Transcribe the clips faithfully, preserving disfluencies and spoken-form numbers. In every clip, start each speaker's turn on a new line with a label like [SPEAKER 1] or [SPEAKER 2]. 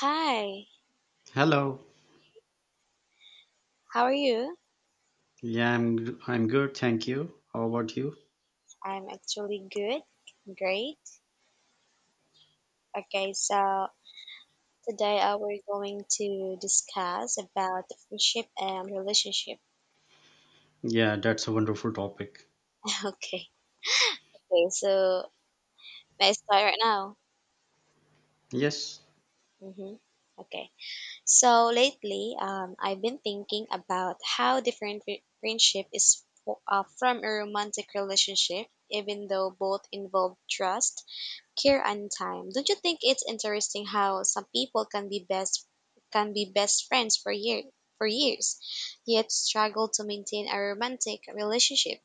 [SPEAKER 1] Hi,
[SPEAKER 2] Hello.
[SPEAKER 1] how are you?
[SPEAKER 2] Yeah, I'm I'm good, thank you. How about you?
[SPEAKER 1] I'm actually good, great. Okay, so today uh, we're going to discuss about the friendship and relationship.
[SPEAKER 2] Yeah, that's a wonderful topic.
[SPEAKER 1] Okay, okay. So may I start right now?
[SPEAKER 2] Yes,
[SPEAKER 1] Mm-hmm. Okay. So lately, um, I've been thinking about how different fri- friendship is fo- uh, from a romantic relationship, even though both involve trust care and time. Don't you think it's interesting how some people can be best can be best friends for year for years, yet struggle to maintain a romantic relationship?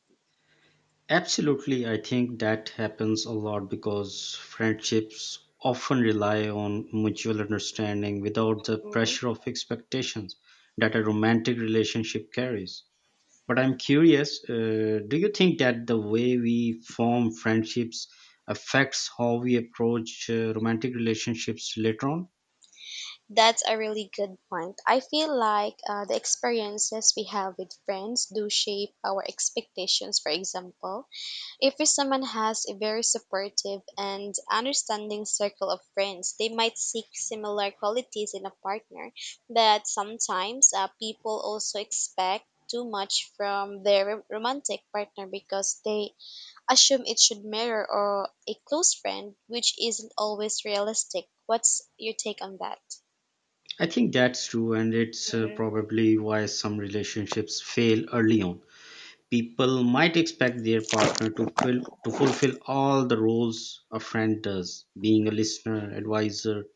[SPEAKER 2] absolutely. I think that happens a lot because friendships often rely on mutual understanding without the
[SPEAKER 1] Mhm.
[SPEAKER 2] pressure of expectations that a romantic relationship carries. But I'm curious, uh, do you think that the way we form friendships affects how we approach uh, romantic relationships later on?
[SPEAKER 1] That's a really good point. I feel like uh, the experiences we have with friends do shape our expectations. For example, if someone has a very supportive and understanding circle of friends, they might seek similar qualities in a partner, but sometimes uh, people also expect too much from their rom- romantic partner because they assume it should mirror or a close friend, which isn't always realistic. What's your take on that?
[SPEAKER 2] I think that's true, and it's uh,
[SPEAKER 1] Mm-hmm.
[SPEAKER 2] probably why some relationships fail early on. People might expect their partner to fill to fulfill all the roles a friend does, being a listener, advisor,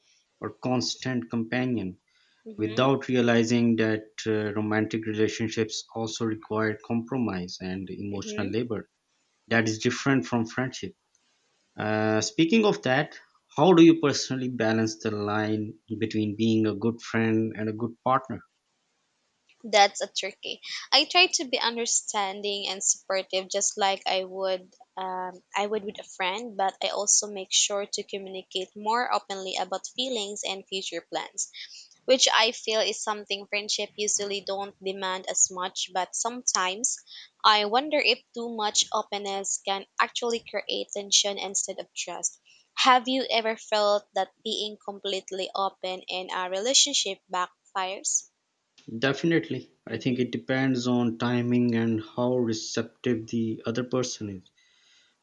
[SPEAKER 2] or constant companion,
[SPEAKER 1] Mm-hmm.
[SPEAKER 2] without realizing that uh, romantic relationships also require compromise and emotional labor. That is different from friendship. Uh, speaking of that, how do you personally balance the line between being a good friend and a good partner?
[SPEAKER 1] That's a tricky. I try to be understanding and supportive, just like I would, um, I would with a friend. But I also make sure to communicate more openly about feelings and future plans, which I feel is something friendship usually don't demand as much. But sometimes, I wonder if too much openness can actually create tension instead of trust. Have you ever felt that being completely open in a relationship backfires?
[SPEAKER 2] Definitely. I think
[SPEAKER 1] Mm-hmm.
[SPEAKER 2] it depends on timing and how receptive the other person is.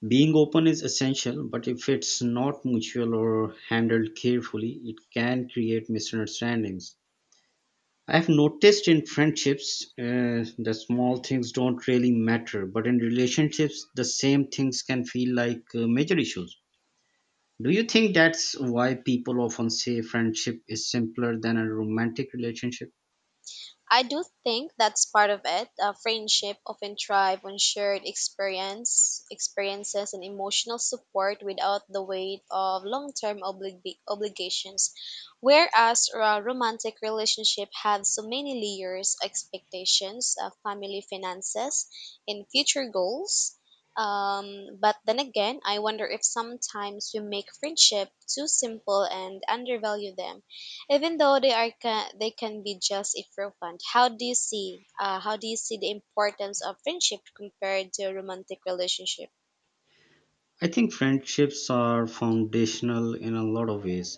[SPEAKER 2] Being open is essential, but if it's not mutual or handled carefully, it can create misunderstandings. I've noticed in friendships uh, the small things don't really matter, but in relationships, the same things can feel like uh, major issues. Do you think that's why people often say friendship is simpler than a romantic relationship?
[SPEAKER 1] I do think that's part of it. Uh, friendship often thrive on shared experience, experiences, and emotional support without the weight of long-term oblig- obligations. Whereas a romantic relationship have so many layers, expectations, uh, family finances, and future goals. Um, but then again, I wonder if sometimes we make friendship too simple and undervalue them even though they are ca they can be just irrelevant. How do you see uh, how do you see the importance of friendship compared to a romantic relationship?
[SPEAKER 2] I think friendships are foundational in a lot of ways.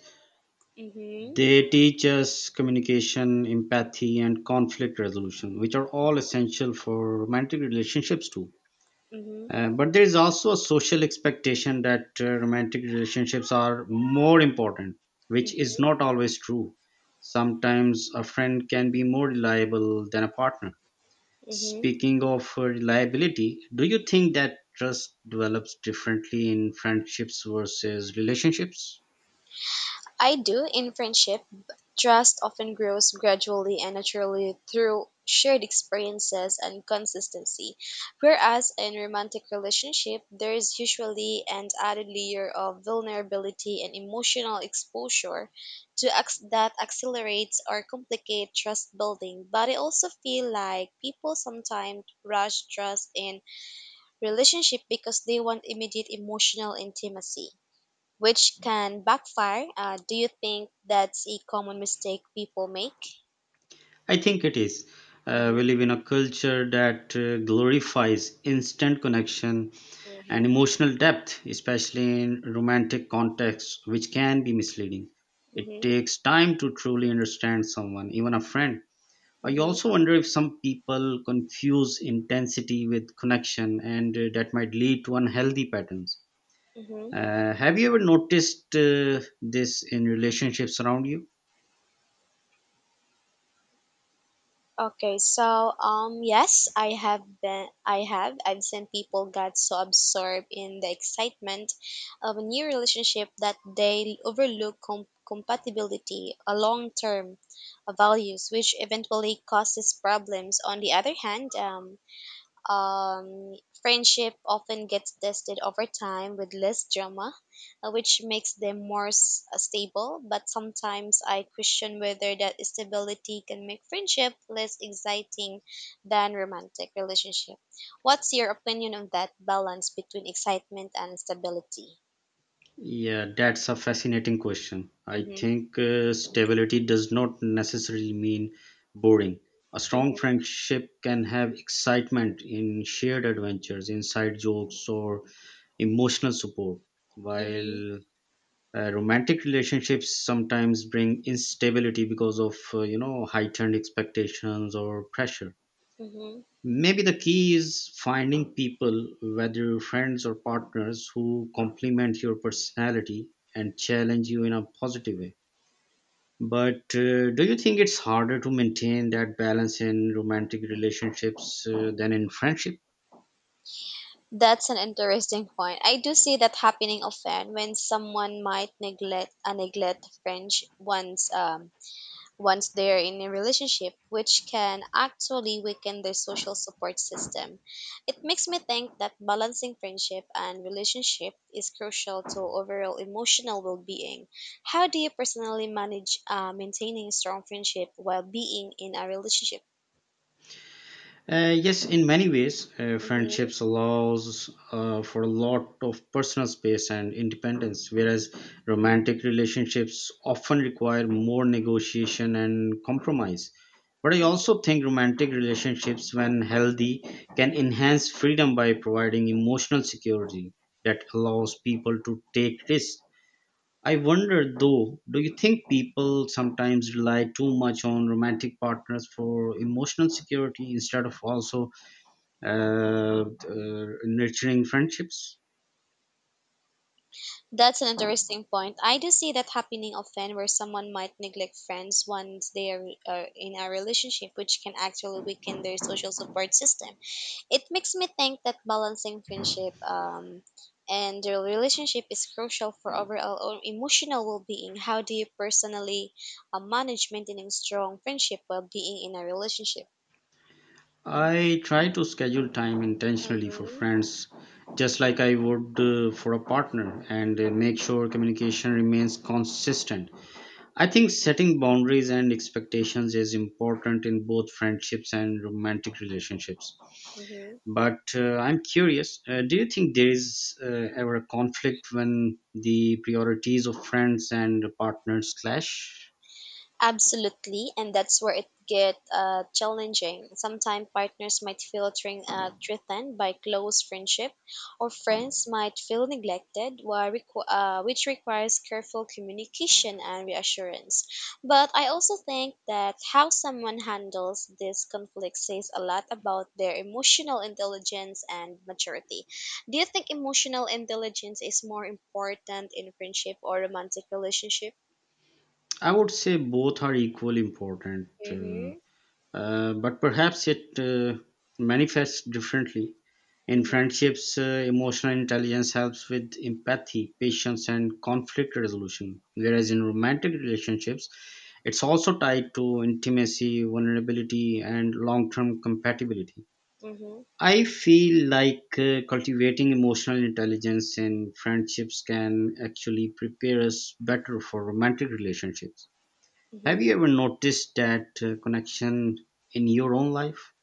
[SPEAKER 1] Mm-hmm.
[SPEAKER 2] They teach us communication, empathy, and conflict resolution, which are all essential for romantic relationships too.
[SPEAKER 1] Mm-hmm.
[SPEAKER 2] Uh, but there is also a social expectation that uh, romantic relationships are more important, which is
[SPEAKER 1] Mm-hmm.
[SPEAKER 2] not always true. Sometimes a friend can be more reliable than a partner.
[SPEAKER 1] Mm-hmm.
[SPEAKER 2] Speaking of uh, reliability, do you think that trust develops differently in friendships versus relationships?
[SPEAKER 1] I do in friendship. Trust often grows gradually and naturally through shared experiences and consistency, whereas in romantic relationship there is usually an added layer of vulnerability and emotional exposure to acc that accelerates or complicate trust building. But I also feel like people sometimes rush trust in relationship because they want immediate emotional intimacy which can backfire. Uh, do you think that's a common mistake people make?
[SPEAKER 2] I think it is. Uh,
[SPEAKER 1] Mm-hmm,
[SPEAKER 2] we live in a culture that uh, glorifies instant connection and
[SPEAKER 1] mm-hmm,
[SPEAKER 2] emotional depth, especially in romantic contexts, which can be misleading. It
[SPEAKER 1] mm-hmm,
[SPEAKER 2] takes time to truly understand someone, even a friend. I
[SPEAKER 1] mm-hmm,
[SPEAKER 2] also wonder if some people confuse intensity with connection, and uh, that might lead to unhealthy patterns.
[SPEAKER 1] mm-hmm.
[SPEAKER 2] Uh, have you ever noticed uh, this in relationships around you?
[SPEAKER 1] Okay, so um, yes, I have been. I have. I've seen people got so absorbed in the excitement of a new relationship that they overlook com- compatibility, a long term values, which eventually causes problems. On the other hand, um, Um, friendship often gets tested over time with less drama, uh, which makes them more s- uh, stable. But sometimes I question whether that stability can make friendship less exciting than romantic relationship. What's your opinion on that balance between excitement and stability?
[SPEAKER 2] Yeah, that's a fascinating question. I
[SPEAKER 1] Mhm.
[SPEAKER 2] think uh, stability does not necessarily mean boring. A strong
[SPEAKER 1] Mhm.
[SPEAKER 2] friendship can have excitement in shared adventures, inside jokes, or emotional support,
[SPEAKER 1] Mhm.
[SPEAKER 2] while uh, romantic relationships sometimes bring instability because of uh, you know heightened expectations or pressure.
[SPEAKER 1] Mhm.
[SPEAKER 2] Maybe the key is finding people, whether friends or partners, who complement your personality and challenge you in a positive way. But uh, do you think it's harder to maintain that balance in romantic relationships uh, than in friendship?
[SPEAKER 1] That's an interesting point. I do see that happening often when someone might neglect uh, neglect French once um once they're in a relationship, which can actually weaken their social support system. It makes me think that balancing friendship and relationship is crucial to overall emotional well being. How do you personally manage uh, maintaining strong friendship while being in a relationship?
[SPEAKER 2] Uh, yes, in many ways, uh,
[SPEAKER 1] Hmm.
[SPEAKER 2] friendships allows uh, for a lot of personal space and independence, whereas romantic relationships often require more negotiation and compromise. But I also think romantic relationships, when healthy, can enhance freedom by providing emotional security that allows people to take risks. I wonder though, do you think people sometimes rely too much on romantic partners for emotional security instead of also uh, uh, nurturing friendships.
[SPEAKER 1] That's an interesting point. I do see that happening often where someone might neglect friends once they are uh, in a relationship, which can actually weaken their social support system. It makes me think that balancing friendship um, and the relationship is crucial for overall o- emotional well-being. How do you personally uh, manage maintaining strong friendship while being in a relationship?
[SPEAKER 2] I try to schedule time intentionally for
[SPEAKER 1] Mm-hmm.
[SPEAKER 2] friends, just like I would uh, for a partner, and uh, make sure communication remains consistent. I think setting boundaries and expectations is important in both friendships and romantic relationships.
[SPEAKER 1] Mm-hmm.
[SPEAKER 2] But uh, I'm curious, uh, do you think there is uh, ever a conflict when the priorities of friends and partners clash?
[SPEAKER 1] Absolutely, and that's where it get uh, challenging. Sometimes partners might feel thre- uh, threatened by close friendship, or friends might feel neglected, while requ- uh, which requires careful communication and reassurance. But I also think that how someone handles this conflict says a lot about their emotional intelligence and maturity. Do you think emotional intelligence is more important in friendship or romantic relationship?
[SPEAKER 2] I would say both are equally important, uh,
[SPEAKER 1] Mm-hmm.
[SPEAKER 2] uh, but perhaps it uh, manifests differently. In
[SPEAKER 1] Mm-hmm.
[SPEAKER 2] friendships, uh, emotional intelligence helps with empathy, patience, and conflict resolution, whereas in romantic relationships, it's also tied to intimacy, vulnerability, and long term compatibility.
[SPEAKER 1] Mm-hmm.
[SPEAKER 2] I feel like uh, cultivating emotional intelligence in friendships can actually prepare us better for romantic relationships. Have
[SPEAKER 1] Mhm.
[SPEAKER 2] you ever noticed that uh, connection in your own life?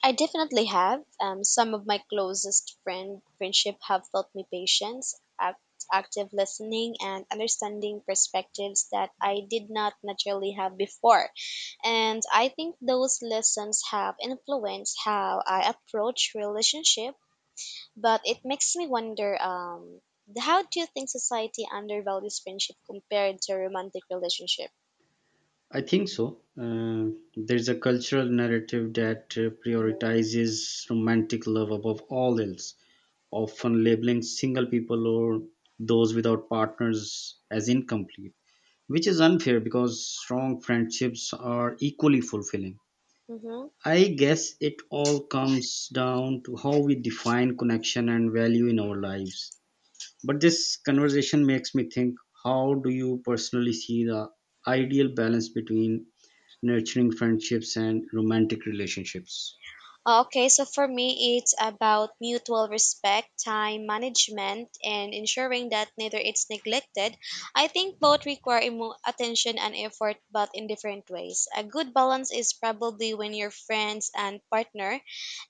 [SPEAKER 1] I definitely have. Um, some of my closest friend friendship have taught me patience, act, active listening, and understanding perspectives that I did not naturally have before. And I think those lessons have influenced how I approach relationship. But it makes me wonder, um, how do you think society undervalues friendship compared to romantic relationship?
[SPEAKER 2] I think so. Uh, there's a cultural narrative that uh, prioritizes romantic love above all else, often labeling single people or those without partners as incomplete, which is unfair because strong friendships are equally fulfilling.
[SPEAKER 1] Mm-hmm.
[SPEAKER 2] I guess it all comes down to how we define connection and value in our lives. But this conversation makes me think, how do you personally see the ideal balance between nurturing friendships and romantic relationships?
[SPEAKER 1] Okay, so for me, it's about mutual respect, time management, and ensuring that neither it's neglected. I think both require emo- attention and effort, but in different ways. A good balance is probably when your friends and partner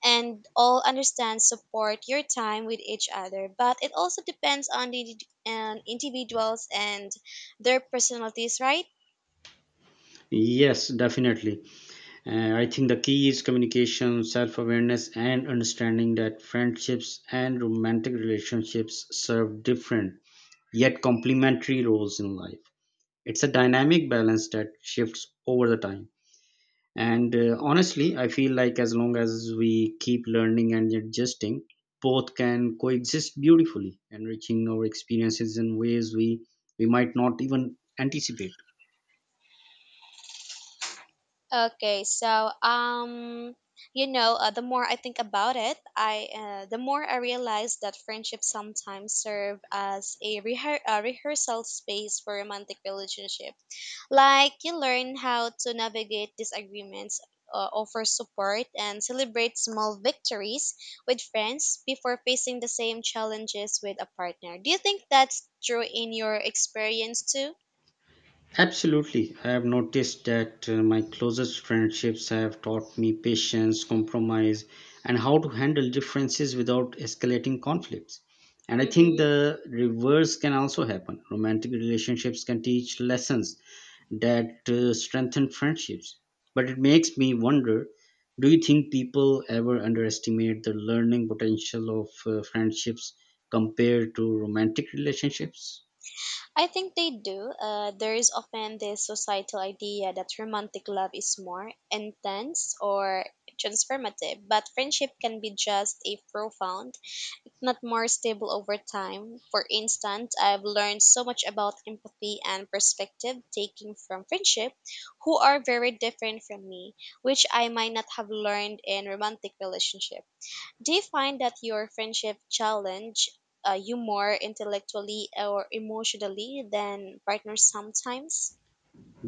[SPEAKER 1] and all understand support your time with each other, but it also depends on the indi- and individuals and their personalities, right?
[SPEAKER 2] Yes, definitely. Uh, I think the key is communication, self awareness, and understanding that friendships and romantic relationships serve different yet complementary roles in life. It's a dynamic balance that shifts over the time. And uh, honestly, I feel like as long as we keep learning and adjusting, both can coexist beautifully, enriching our experiences in ways we, we might not even anticipate.
[SPEAKER 1] Okay, so um, you know, uh, the more I think about it, I uh, the more I realize that friendships sometimes serve as a, rehe- a rehearsal space for romantic relationship. Like you learn how to navigate disagreements, uh, offer support, and celebrate small victories with friends before facing the same challenges with a partner. Do you think that's true in your experience too?
[SPEAKER 2] Absolutely. I have noticed that uh, my closest friendships have taught me patience, compromise, and how to handle differences without escalating conflicts. And I think
[SPEAKER 1] Mm-hmm.
[SPEAKER 2] the reverse can also happen. Romantic relationships can teach lessons that uh, strengthen friendships. But it makes me wonder, do you think people ever underestimate the learning potential of uh, friendships compared to romantic relationships?
[SPEAKER 1] I think they do. Uh, there is often this societal idea that romantic love is more intense or transformative, but friendship can be just as profound, not more stable over time. For instance, I've learned so much about empathy and perspective taking from friendship who are very different from me, which I might not have learned in romantic relationships. Do you find that your friendship challenge uh, you more intellectually or emotionally than partners sometimes?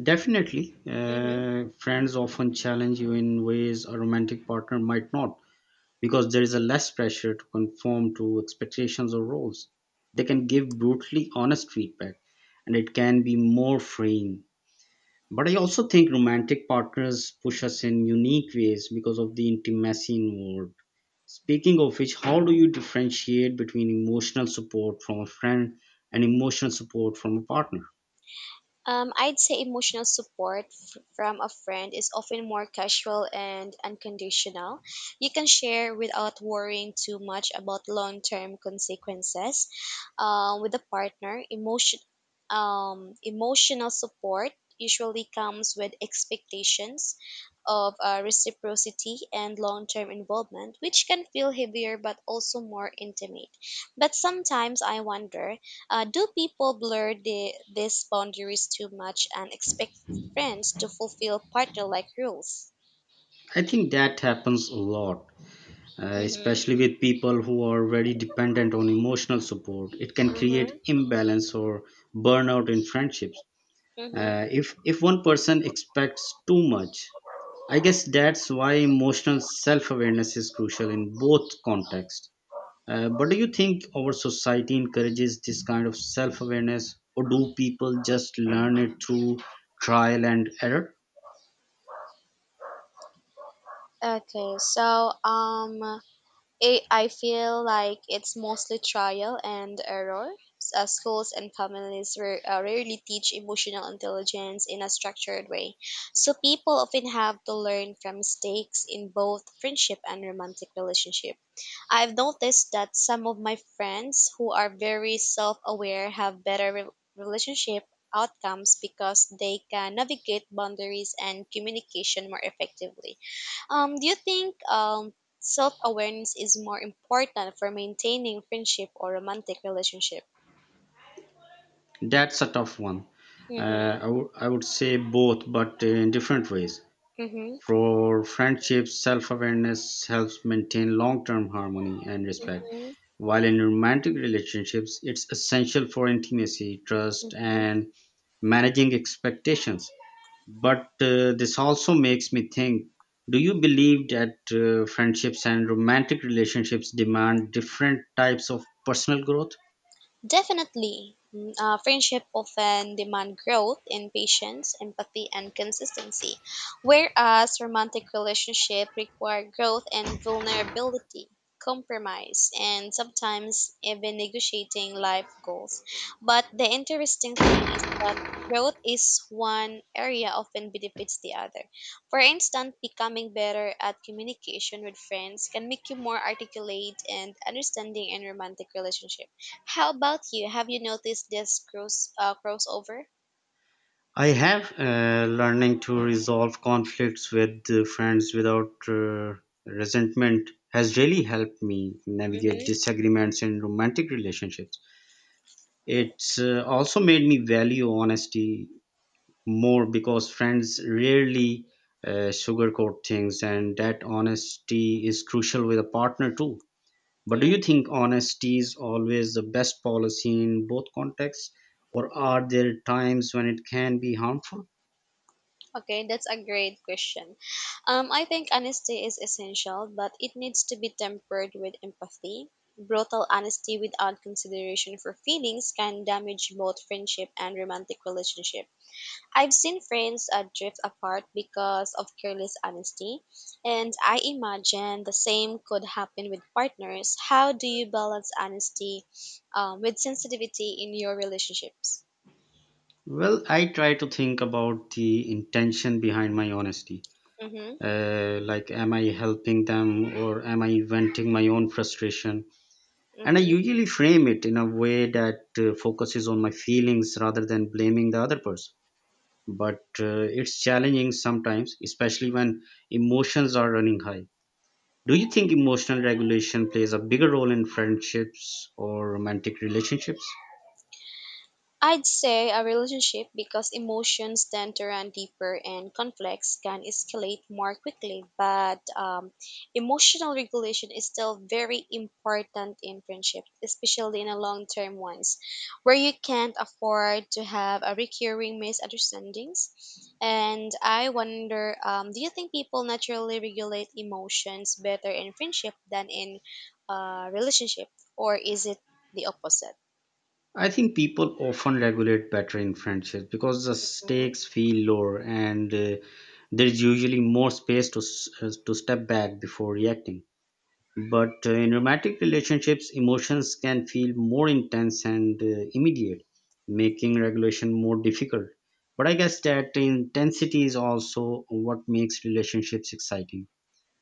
[SPEAKER 2] Definitely,
[SPEAKER 1] Mm-hmm.
[SPEAKER 2] uh, friends often challenge you in ways a romantic partner might not because there is a less pressure to conform to expectations or roles. They can give brutally honest feedback and it can be more freeing. But I also think romantic partners push us in unique ways because of the intimacy involved. Speaking of which, how do you differentiate between emotional support from a friend and emotional support from a partner?
[SPEAKER 1] Um, I'd say emotional support f- from a friend is often more casual and unconditional. You can share without worrying too much about long term consequences. Um, with a partner, emotion, um, Emotional support usually comes with expectations of uh, reciprocity and long term involvement, which can feel heavier but also more intimate. But sometimes I wonder, uh, do people blur the, these boundaries too much and expect friends to fulfill partner-like rules?
[SPEAKER 2] I think that happens a lot, uh,
[SPEAKER 1] Mm-hmm.
[SPEAKER 2] especially with people who are very dependent on emotional support. It can
[SPEAKER 1] Mm-hmm.
[SPEAKER 2] create imbalance or burnout in friendships
[SPEAKER 1] Mm-hmm.
[SPEAKER 2] uh, if if one person expects too much. I guess that's why emotional self-awareness is crucial in both contexts. Uh, but do you think our society encourages this kind of self-awareness, or do people just learn it through trial and error?
[SPEAKER 1] Okay, so um, it, I feel like it's mostly trial and error. S- Uh, schools and families ra- uh, rarely teach emotional intelligence in a structured way, so people often have to learn from mistakes in both friendship and romantic relationships. I've noticed that some of my friends who are very self-aware have better re- relationship outcomes because they can navigate boundaries and communication more effectively. Um, do you think um, self-awareness is more important for maintaining friendship or romantic relationship?
[SPEAKER 2] That's a tough one.
[SPEAKER 1] Mm-hmm.
[SPEAKER 2] Uh, I would I would say both but in different ways.
[SPEAKER 1] Mm-hmm.
[SPEAKER 2] For friendships, self-awareness helps maintain long-term harmony and respect.
[SPEAKER 1] Mm-hmm.
[SPEAKER 2] While in romantic relationships, it's essential for intimacy, trust,
[SPEAKER 1] Mm-hmm.
[SPEAKER 2] and managing expectations. But uh, this also makes me think, do you believe that uh, friendships and romantic relationships demand different types of personal growth?
[SPEAKER 1] Definitely, mm, uh, friendship often demand growth in patience, empathy, and consistency, whereas romantic relationship require growth and vulnerability, compromise, and sometimes even negotiating life goals. But the interesting thing is that growth is one area often benefits the other. For instance, becoming better at communication with friends can make you more articulate and understanding in romantic relationship. How about you? Have you noticed this cross uh, crossover?
[SPEAKER 2] I have. Uh, learning to resolve conflicts with uh, friends without uh, resentment has really helped me navigate
[SPEAKER 1] Mm-hmm.
[SPEAKER 2] disagreements in romantic relationships. It's uh, also made me value honesty more because friends rarely uh, sugarcoat things, and that honesty is crucial with a partner too. But do you
[SPEAKER 1] Mm.
[SPEAKER 2] think honesty is always the best policy in both contexts, or are there times when it can be harmful?
[SPEAKER 1] Okay, that's a great question. Um, I think honesty is essential, but it needs to be tempered with empathy. Brutal honesty without consideration for feelings can damage both friendship and romantic relationship. I've seen friends uh, drift apart because of careless honesty, and I imagine the same could happen with partners. How do you balance honesty um, with sensitivity in your relationships?
[SPEAKER 2] Well, I try to think about the intention behind my honesty.
[SPEAKER 1] Mm-hmm,
[SPEAKER 2] Uh, like, am I helping them or am I venting my own frustration? And I
[SPEAKER 1] mm-hmm.
[SPEAKER 2] usually frame it in a way that uh, focuses on my feelings rather than blaming the other person. But uh, it's challenging sometimes, especially when emotions are running high. Do you think emotional regulation plays a bigger role in friendships or romantic relationships?
[SPEAKER 1] I'd say a relationship because emotions tend to run deeper and conflicts can escalate more quickly. But um, emotional regulation is still very important in friendship, especially in a long term ones, where you can't afford to have a recurring misunderstandings. And I wonder, um, do you think people naturally regulate emotions better in friendship than in uh, relationship, or is it the opposite?
[SPEAKER 2] I think people often regulate better in friendships because the stakes feel lower and uh, there's usually more space to, s- uh, to step back before reacting. But uh, in romantic relationships, emotions can feel more intense and uh, immediate, making regulation more difficult. But I guess that intensity is also what makes relationships exciting.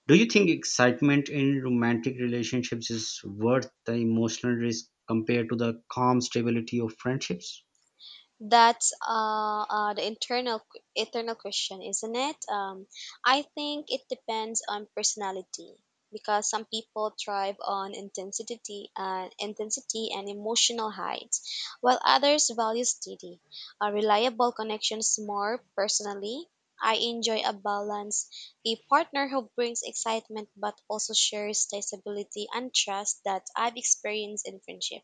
[SPEAKER 2] Do you think excitement in romantic relationships is worth the emotional risk compared to the calm stability of friendships?
[SPEAKER 1] That's uh, uh, the internal eternal question, isn't it? Um, I think it depends on personality because some people thrive on intensity and intensity and emotional heights, while others value steady, uh, reliable connections more. Personally, I enjoy a balance, a partner who brings excitement but also shares the stability and trust that I've experienced in friendship.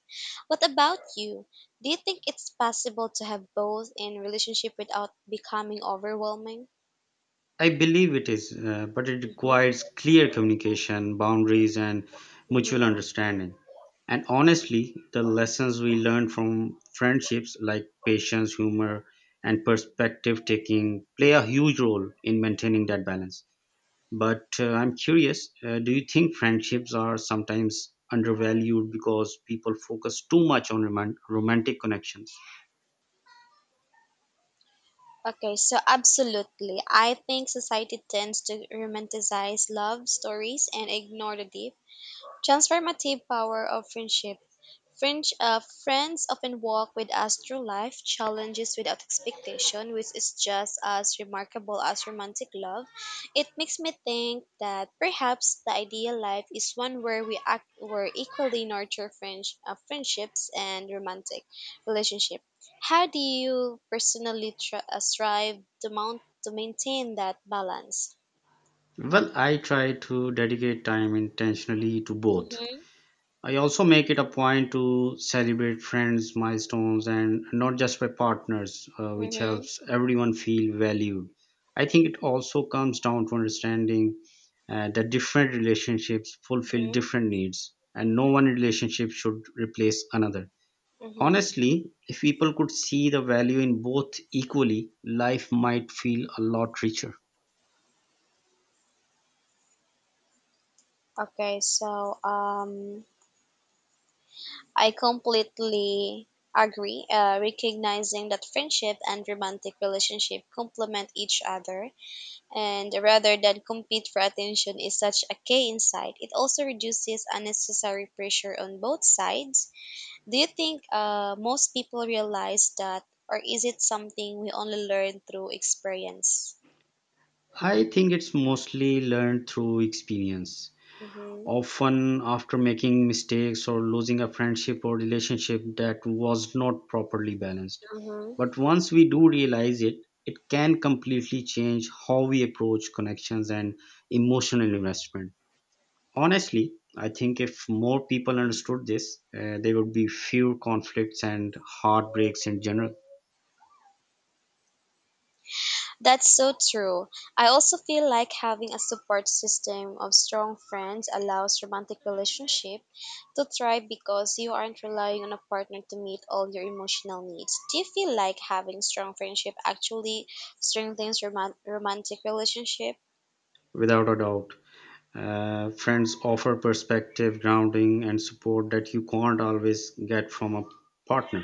[SPEAKER 1] What about you? Do you think it's possible to have both in relationship without becoming overwhelming?
[SPEAKER 2] I believe it is, uh, but it
[SPEAKER 1] Mm-hmm,
[SPEAKER 2] requires clear communication, boundaries, and mutual
[SPEAKER 1] mm-hmm.
[SPEAKER 2] understanding. And honestly, the lessons we learn from friendships like patience, humor, and perspective taking play a huge role in maintaining that balance. But uh, I'm curious, uh, do you think friendships are sometimes undervalued because people focus too much on roman- romantic connections?
[SPEAKER 1] Okay, so absolutely. I think society tends to romanticize love stories and ignore the deep transformative power of friendship. French. Uh, friends often walk with us through life, challenges without expectation, which is just as remarkable as romantic love. It makes me think that perhaps the ideal life is one where we act, where equally nurture French uh, friendships and romantic relationship. How do you personally tr- uh, strive to mount to maintain that balance?
[SPEAKER 2] Well, I try to dedicate time intentionally to both.
[SPEAKER 1] Mm-hmm.
[SPEAKER 2] I also make it a point to celebrate friends' milestones and not just my partners, uh, which
[SPEAKER 1] Mm-hmm.
[SPEAKER 2] helps everyone feel valued. I think it also comes down to understanding uh, that different relationships fulfill
[SPEAKER 1] Mm-hmm.
[SPEAKER 2] different needs, and no one relationship should replace another.
[SPEAKER 1] Mm-hmm.
[SPEAKER 2] Honestly, if people could see the value in both equally, life might feel a lot richer.
[SPEAKER 1] Okay, so um I completely agree. Uh, recognizing that friendship and romantic relationship complement each other, and rather than compete for attention, is such a key insight. It also reduces unnecessary pressure on both sides. Do you think uh, most people realize that, or is it something we only learn through experience?
[SPEAKER 2] I think it's mostly learned through experience.
[SPEAKER 1] Mm-hmm.
[SPEAKER 2] Often, after making mistakes or losing a friendship or relationship that was not properly balanced.
[SPEAKER 1] Mm-hmm.
[SPEAKER 2] But once we do realize it, it can completely change how we approach connections and emotional investment. Honestly, I think if more people understood this, uh, there would be fewer conflicts and heartbreaks in general,
[SPEAKER 1] That's so true. I also feel like having a support system of strong friends allows romantic relationship to thrive because you aren't relying on a partner to meet all your emotional needs. Do you feel like having strong friendship actually strengthens roman- romantic relationship?
[SPEAKER 2] without a doubt. Uh, friends offer perspective, grounding, and support that you can't always get from a partner.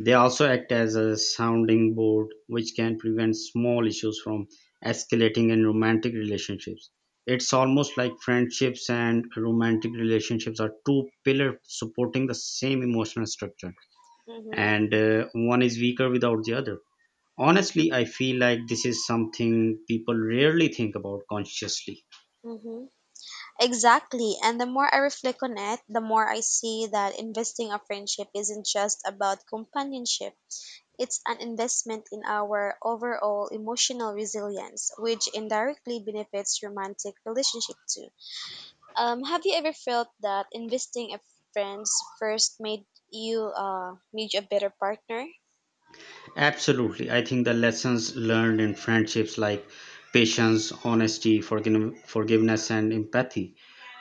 [SPEAKER 2] They also act as a sounding board, which can prevent small issues from escalating in romantic relationships. It's almost like friendships and romantic relationships are two pillars supporting the same emotional structure,
[SPEAKER 1] Mm-hmm.
[SPEAKER 2] and uh, one is weaker without the other. Honestly, I feel like this is something people rarely think about consciously.
[SPEAKER 1] Mm-hmm. Exactly. And the more I reflect on it, the more I see that investing a friendship isn't just about companionship. It's an investment in our overall emotional resilience, which indirectly benefits romantic relationship too. Um, have you ever felt that investing a friends first made you uh made you a better partner?
[SPEAKER 2] Absolutely. I think the lessons learned in friendships like patience, honesty, forgive- forgiveness, and empathy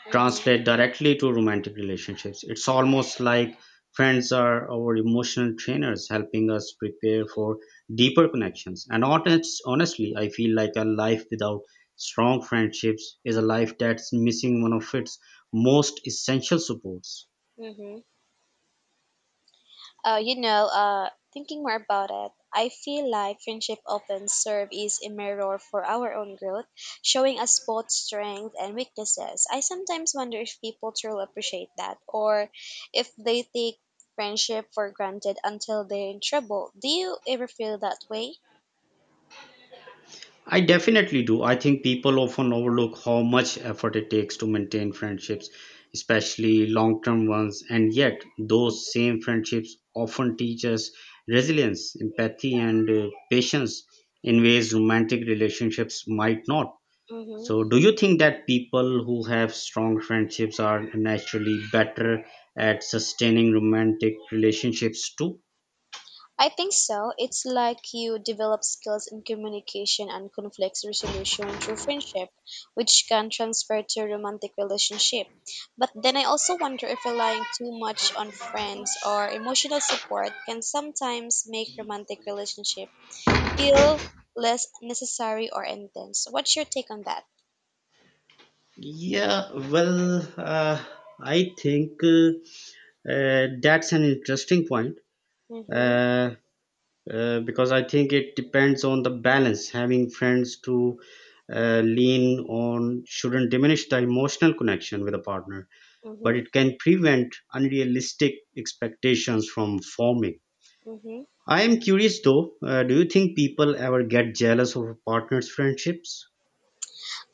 [SPEAKER 1] Mm-hmm.
[SPEAKER 2] translate directly to romantic relationships. It's almost like friends are our emotional trainers, helping us prepare for deeper connections. And honest, honestly, I feel like a life without strong friendships is a life that's missing one of its most essential supports.
[SPEAKER 1] Mm-hmm. Uh, you know, uh, thinking more about it, I feel like friendship often serve as a mirror for our own growth, showing us both strengths and weaknesses. I sometimes wonder if people truly appreciate that, or if they take friendship for granted until they're in trouble. Do you ever feel that way?
[SPEAKER 2] I definitely do. I think people often overlook how much effort it takes to maintain friendships, especially long term ones. And yet, those same friendships often teach us resilience, empathy, and uh, patience in ways romantic relationships might not.
[SPEAKER 1] Mm-hmm.
[SPEAKER 2] So, do you think that people who have strong friendships are naturally better at sustaining romantic relationships too?
[SPEAKER 1] I think so. It's like you develop skills in communication and conflict resolution through friendship, which can transfer to romantic relationship. But then I also wonder if relying too much on friends or emotional support can sometimes make romantic relationship feel less necessary or intense. What's your take on that?
[SPEAKER 2] Yeah, well, uh, I think uh, uh, That's an interesting point,
[SPEAKER 1] Mhm.
[SPEAKER 2] uh, uh, because I think it depends on the balance. Having friends to uh, lean on shouldn't diminish the emotional connection with a partner, but
[SPEAKER 1] Mhm.
[SPEAKER 2] it can prevent unrealistic expectations from forming.
[SPEAKER 1] Mhm.
[SPEAKER 2] I am curious though, uh, do you think people ever get jealous of a partner's friendships?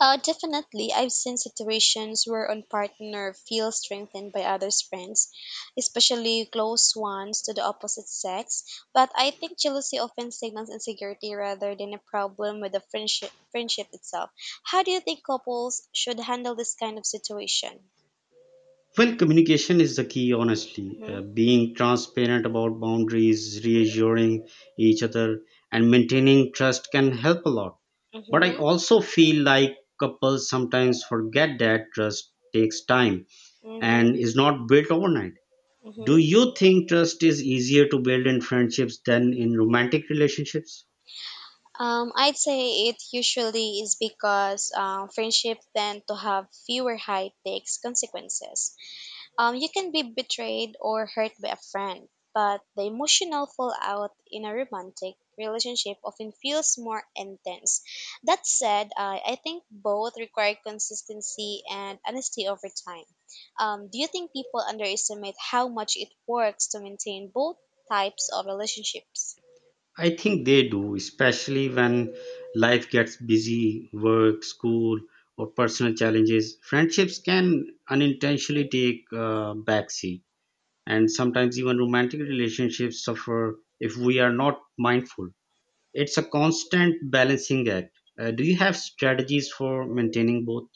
[SPEAKER 1] Uh, definitely, I've seen situations where one partner feels strengthened by others' friends, especially close ones to the opposite sex. But I think jealousy often signals insecurity rather than a problem with the friendship, friendship itself. How do you think couples should handle this kind of situation?
[SPEAKER 2] Well, communication is the key, honestly.
[SPEAKER 1] Hmm.
[SPEAKER 2] Uh, being transparent about boundaries, reassuring each other, and maintaining trust can help a lot. But I
[SPEAKER 1] Hmm.
[SPEAKER 2] also feel like couples sometimes forget that trust takes time and
[SPEAKER 1] Hmm.
[SPEAKER 2] is not built overnight. Do
[SPEAKER 1] Hmm.
[SPEAKER 2] you think trust is easier to build in friendships than in romantic relationships?
[SPEAKER 1] Um, I'd say it usually is because uh, friendship tend to have fewer high stakes consequences. Um, you can be betrayed or hurt by a friend, but the emotional fallout in a romantic relationship often feels more intense. That said, I I think both require consistency and honesty over time. Um, do you think people underestimate how much it works to maintain both types of relationships?
[SPEAKER 2] I think they do, especially when life gets busy, work, school, or personal challenges. Friendships can unintentionally take a backseat, and sometimes even romantic relationships suffer if we are not mindful. It's a constant balancing act. Uh, do you have strategies for maintaining both?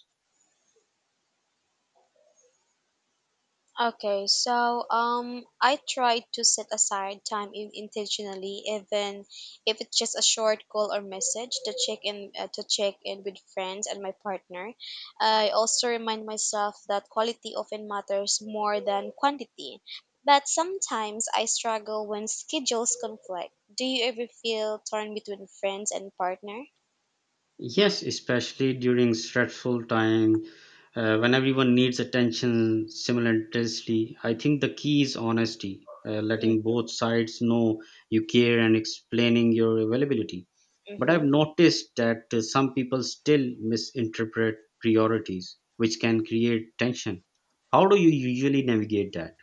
[SPEAKER 1] Okay, so um, I try to set aside time in- intentionally, even if it's just a short call or message to check in uh, to check in with friends and my partner. I also remind myself that quality often matters more than quantity. But sometimes I struggle when schedules conflict. Do you ever feel torn between friends and partner?
[SPEAKER 2] Yes, especially during stressful time, uh, when everyone needs attention simultaneously. I think the key is honesty, uh, letting both sides know you care and explaining your availability. But I've
[SPEAKER 1] Mm-hmm.
[SPEAKER 2] noticed that uh, some people still misinterpret priorities, which can create tension. How do you usually navigate that?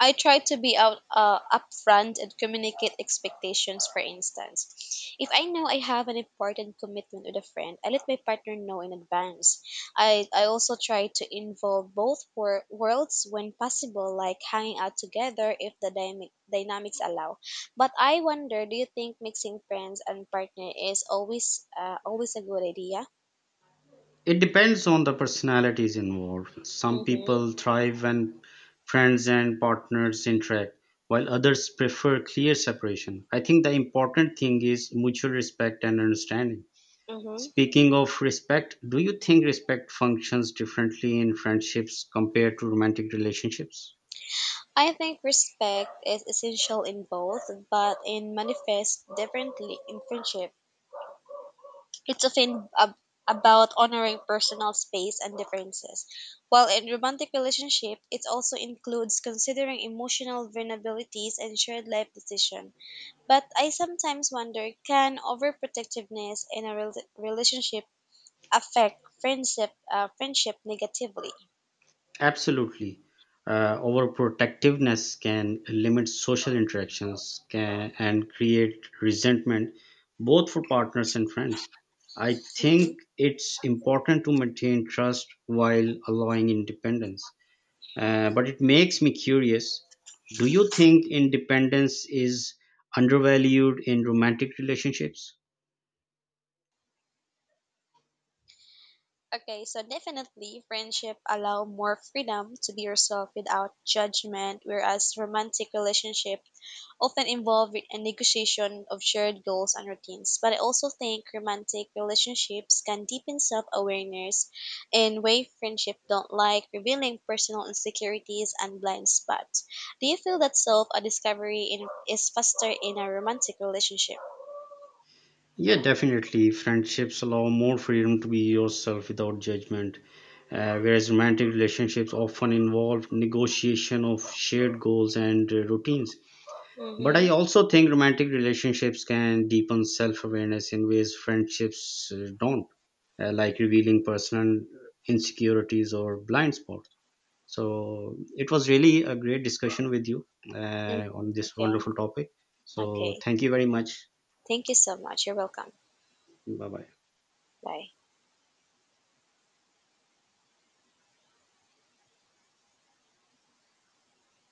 [SPEAKER 1] I try to be out uh, upfront and communicate expectations. For instance, if I know I have an important commitment with a friend, I let my partner know in advance. I I also try to involve both wor- worlds when possible, like hanging out together if the dynamic dynamics allow. But I wonder, do you think mixing friends and partner is always uh, always a good idea?
[SPEAKER 2] It depends on the personalities involved. Some
[SPEAKER 1] Mhm.
[SPEAKER 2] people thrive when friends and partners interact, while others prefer clear separation. I think the important thing is mutual respect and understanding.
[SPEAKER 1] Mhm.
[SPEAKER 2] Speaking of respect, do you think respect functions differently in friendships compared to romantic relationships?
[SPEAKER 1] I think respect is essential in both, but it manifests differently in friendship. It's often ab- about honoring personal space and differences. While in romantic relationship, it also includes considering emotional vulnerabilities and shared life decisions. But I sometimes wonder, can overprotectiveness in a rel- relationship affect friendship, uh, friendship negatively?
[SPEAKER 2] Absolutely. Uh, overprotectiveness can limit social interactions can, and create resentment both for partners and friends. I
[SPEAKER 1] Mhm.
[SPEAKER 2] think it's important to maintain trust while allowing independence. Uh, but it makes me curious, do you think independence is undervalued in romantic relationships?
[SPEAKER 1] Okay, so definitely friendship allow more freedom to be yourself without judgment, whereas romantic relationship often involve a negotiation of shared goals and routines. But I also think romantic relationships can deepen self-awareness in way friendship don't like, revealing personal insecurities and blind spots. Do you feel that self-discovery in, is faster in a romantic relationship?
[SPEAKER 2] Yeah, definitely. Friendships allow more freedom to be yourself without judgment, uh, whereas romantic relationships often involve negotiation of shared goals and uh, routines. But I
[SPEAKER 1] Mm-hmm.
[SPEAKER 2] also think romantic relationships can deepen self awareness in ways friendships uh, don't, uh, like revealing personal insecurities or blind spots. So it was really a great discussion with you
[SPEAKER 1] Mm-hmm.
[SPEAKER 2] uh, on this wonderful
[SPEAKER 1] Okay,
[SPEAKER 2] topic. So
[SPEAKER 1] okay.
[SPEAKER 2] thank you very much.
[SPEAKER 1] Thank you so much. You're welcome.
[SPEAKER 2] Bye bye.
[SPEAKER 1] Bye.